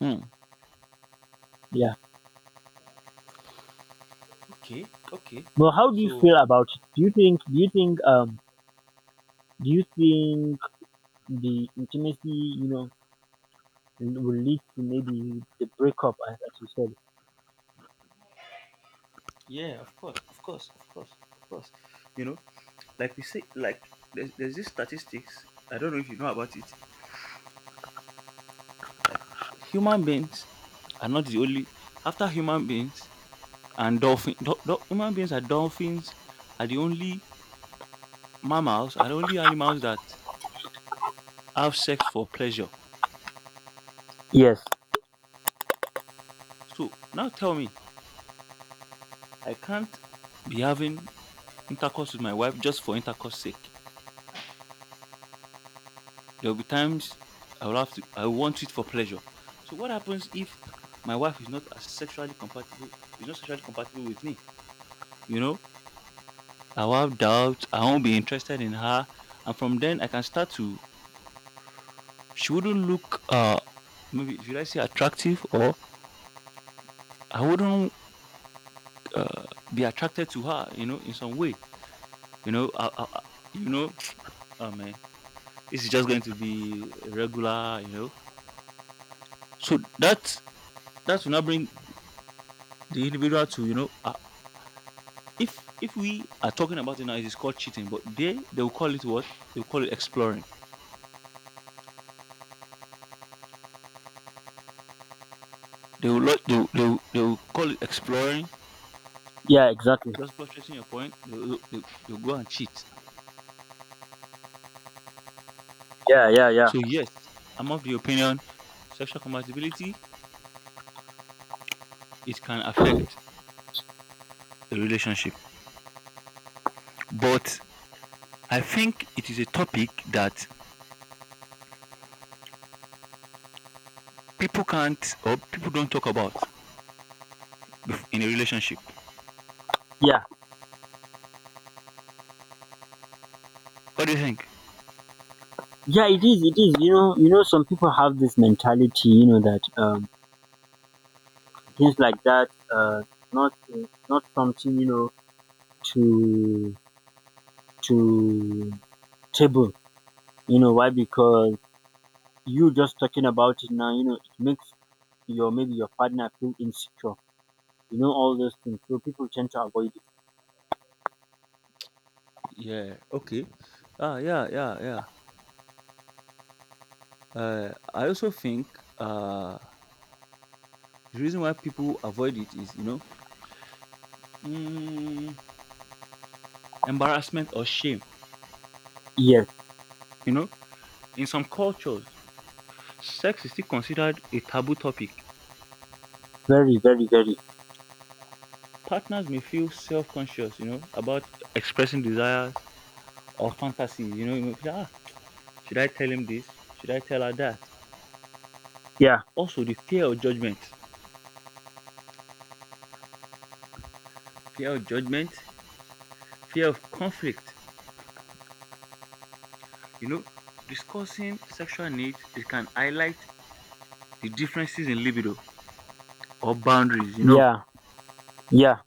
[SPEAKER 2] Hmm.
[SPEAKER 1] Yeah.
[SPEAKER 2] Okay, okay.
[SPEAKER 1] Well, how do you
[SPEAKER 2] So
[SPEAKER 1] feel about it? Do you think do you think um do you think the intimacy, you know, will lead to maybe the breakup as, as you said?
[SPEAKER 2] yeah, of course, of course, of course, of course. You know, like we say, like there's there's this statistics. I don't know if you know about it. Human beings are not the only. After human beings and dolphin, do, do- human beings and dolphins are the only mammals, are the only animals that have sex for pleasure.
[SPEAKER 1] Yes.
[SPEAKER 2] So now tell me, I can't be having intercourse with my wife just for intercourse sake. There'll be times I will have to I will want it for pleasure. So what happens if my wife is not as sexually compatible is not sexually compatible with me? You know? I will have doubt, I won't be interested in her. And from then I can start to, she wouldn't look uh maybe should I say attractive, or I wouldn't uh, be attracted to her, you know, in some way. You know, I, I, I- you know, oh man, this is just going to be regular, you know. So that that will not bring the individual to, you know, a, if if we are talking about it now, it is called cheating. But they they will call it what? They will call it exploring. They will not- they will, they will, they will call it exploring.
[SPEAKER 1] Yeah, exactly.
[SPEAKER 2] That's buttressing your point. They will, they, will- they will go and cheat.
[SPEAKER 1] Yeah, yeah, yeah.
[SPEAKER 2] So yes, I'm of the opinion sexual compatibility it can affect a relationship, but I think it is a topic that people can't or people don't talk about bef- in a relationship.
[SPEAKER 1] Yeah.
[SPEAKER 2] What do you think?
[SPEAKER 1] Yeah, it is, it is. You know, you know, some people have this mentality, you know, that um things like that uh not not something, you know, to to table. You know, why? Because you just talking about it now, you know, it makes your maybe your partner feel insecure, you know, all those things, so people tend to avoid it.
[SPEAKER 2] Yeah. Okay. Ah, yeah. Yeah. Yeah. Uh, I also think. Uh, The reason why people avoid it is, you know, mm, embarrassment or shame.
[SPEAKER 1] Yes.
[SPEAKER 2] You know, in some cultures, sex is still considered a taboo topic.
[SPEAKER 1] Very, very, very.
[SPEAKER 2] Partners may feel self-conscious, you know, about expressing desires or fantasies. You know, you may feel, ah, should I tell him this? Should I tell her that?
[SPEAKER 1] Yeah,
[SPEAKER 2] Also, the fear of judgment, fear of judgment, fear of conflict. You know, discussing sexual needs, it can highlight the differences in libido or boundaries. You know,
[SPEAKER 1] yeah, yeah.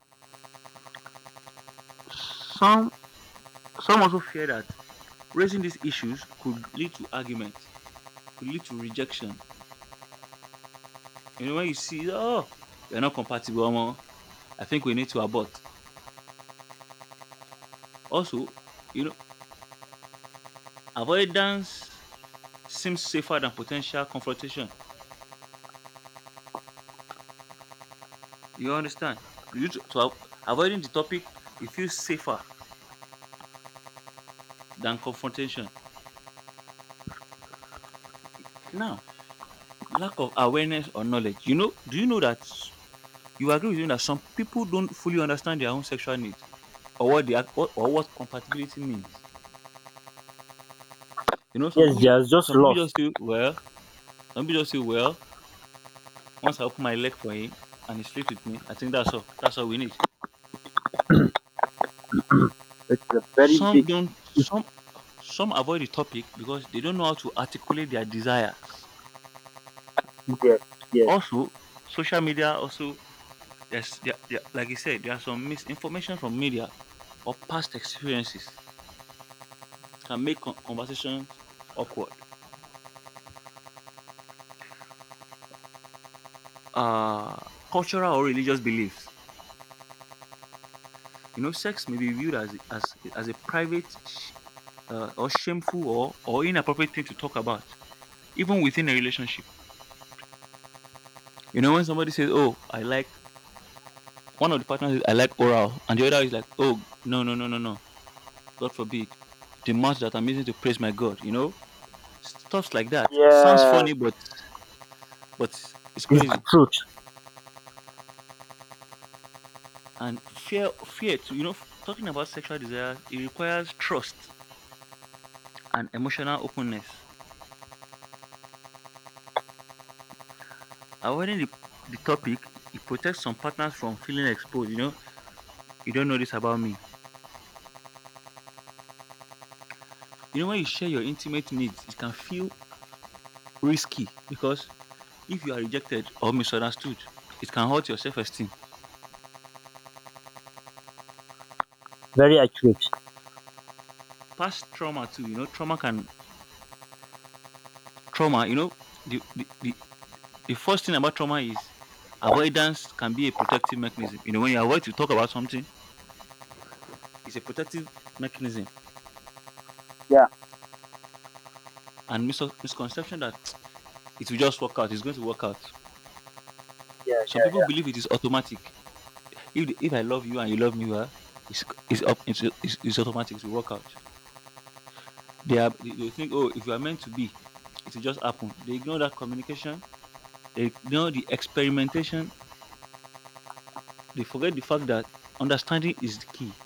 [SPEAKER 2] some Some also fear that raising these issues could lead to argument, could lead to rejection. You know, when you see, oh, you're not compatible, omo, I think we need to abort. Also, you know, avoidance seems safer than potential confrontation. You understand? You t- so av- avoiding the topic, it feels safer than confrontation. Now, lack of awareness or knowledge. You know, do you know that s- you agree with me that some people don't fully understand their own sexual needs, or what they are, or, or what compatibility means? You know, some
[SPEAKER 1] Yes,
[SPEAKER 2] people, ju-
[SPEAKER 1] there's just
[SPEAKER 2] some people
[SPEAKER 1] lost.
[SPEAKER 2] just feel well. Some people just feel well. Once I open my leg for him and he sleeps with me, I think that's all. That's all we need.
[SPEAKER 1] It's a very
[SPEAKER 2] Some
[SPEAKER 1] big
[SPEAKER 2] don't. Some some avoid the topic because they don't know how to articulate their desires.
[SPEAKER 1] yes. Yes.
[SPEAKER 2] Also, social media also there's there, there, like you said, there are some misinformation from media or past experiences can make con- conversations awkward. Uh, cultural or religious beliefs. You know, sex may be viewed as as as a private, uh, or shameful, or, or inappropriate thing to talk about, even within a relationship. You know, when somebody says, "Oh, I like," one of the partners, is, "I like oral," and the other is like, "Oh, no, no, no, no, no, God forbid, the mouth that I'm using to praise my God," you know, stuffs like that sounds
[SPEAKER 1] Yeah,
[SPEAKER 2] funny, but but it's
[SPEAKER 1] it's the
[SPEAKER 2] crazy.
[SPEAKER 1] truth.
[SPEAKER 2] And fear, fear, too, you know, f- talking about sexual desires, it requires trust and emotional openness. Avoiding the, the topic, it protects some partners from feeling exposed, you know, you don't know this about me. You know, when you share your intimate needs, it can feel risky because if you are rejected or misunderstood, it can hurt your self esteem.
[SPEAKER 1] Very accurate.
[SPEAKER 2] Past trauma, too, you know, trauma can, trauma, you know, the, the, the, the first thing about trauma is avoidance can be a protective mechanism. You know, when you avoid to talk about something, it's a protective mechanism.
[SPEAKER 1] Yeah,
[SPEAKER 2] And mis- misconception that it will just work out, it's going to work out.
[SPEAKER 1] yeah,
[SPEAKER 2] Some
[SPEAKER 1] yeah,
[SPEAKER 2] people
[SPEAKER 1] yeah.
[SPEAKER 2] believe it is automatic. If, the, if I love you and you love me, well, it's, it's, up, it's, it's, it's automatic, it will work out. They are, they they think, oh, if you are meant to be, it will just happen. They ignore that communication, they ignore the experimentation, they forget the fact that understanding is the key.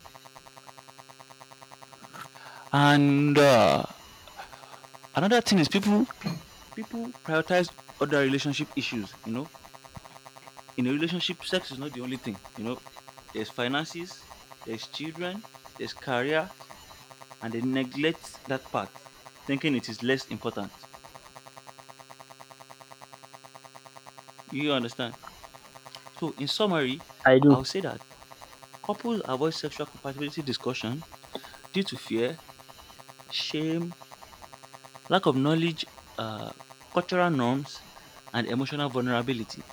[SPEAKER 2] And uh, another thing is, people people prioritize other relationship issues, you know. In a relationship, sex is not the only thing, you know. There's finances, there's children, there's career, and they neglect that part, thinking it is less important. You understand? So in summary,
[SPEAKER 1] I do.
[SPEAKER 2] I'll say that couples avoid sexual compatibility discussion due to fear, shame, lack of knowledge, uh, cultural norms, and emotional vulnerability.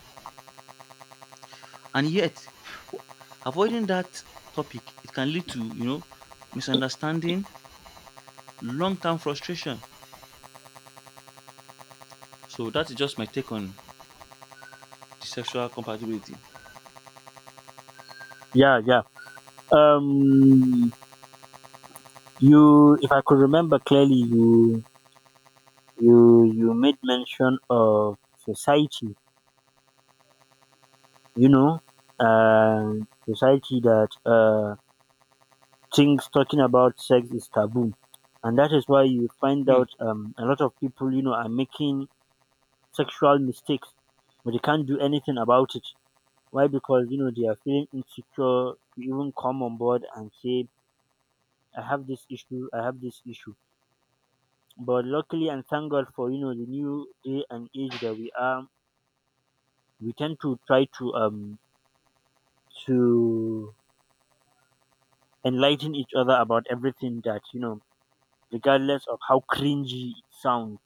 [SPEAKER 2] And yet, avoiding that topic, it can lead to, you know, misunderstanding, long-term frustration. So that is just my take on the sexual compatibility.
[SPEAKER 1] Yeah, yeah. um you, if I could remember clearly, you you you made mention of society, you know uh society that uh things talking about sex is taboo, and that is why you find
[SPEAKER 2] Hmm.
[SPEAKER 1] out, um, a lot of people, you know, are making sexual mistakes, but they can't do anything about it. Why? Because you know they are feeling insecure to even come on board and say I have this issue, I have this issue. But luckily, and thank God for, you know, the new day and age that we are, we tend to try to um to enlighten each other about everything that, you know, regardless of how cringy it sounds.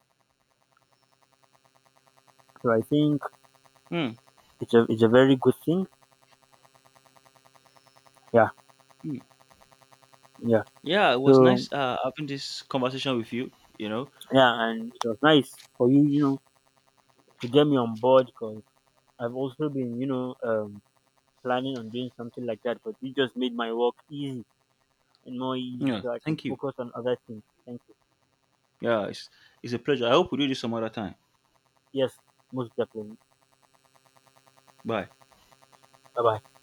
[SPEAKER 1] So I think
[SPEAKER 2] Hmm.
[SPEAKER 1] it's a it's a very good thing. Yeah,
[SPEAKER 2] Hmm.
[SPEAKER 1] yeah.
[SPEAKER 2] Yeah, it was
[SPEAKER 1] So
[SPEAKER 2] nice uh, having this conversation with you. You know.
[SPEAKER 1] yeah, and it was nice for you, you know, to get me on board because I've also been, you know, um, planning on doing something like that. But you just made my work easy and more easy,
[SPEAKER 2] Yeah.
[SPEAKER 1] so I can
[SPEAKER 2] Thank you.
[SPEAKER 1] focus on other things. Thank you.
[SPEAKER 2] Yeah, it's, it's a pleasure. I hope we do this some other time.
[SPEAKER 1] Yes, most definitely.
[SPEAKER 2] Bye.
[SPEAKER 1] Bye bye.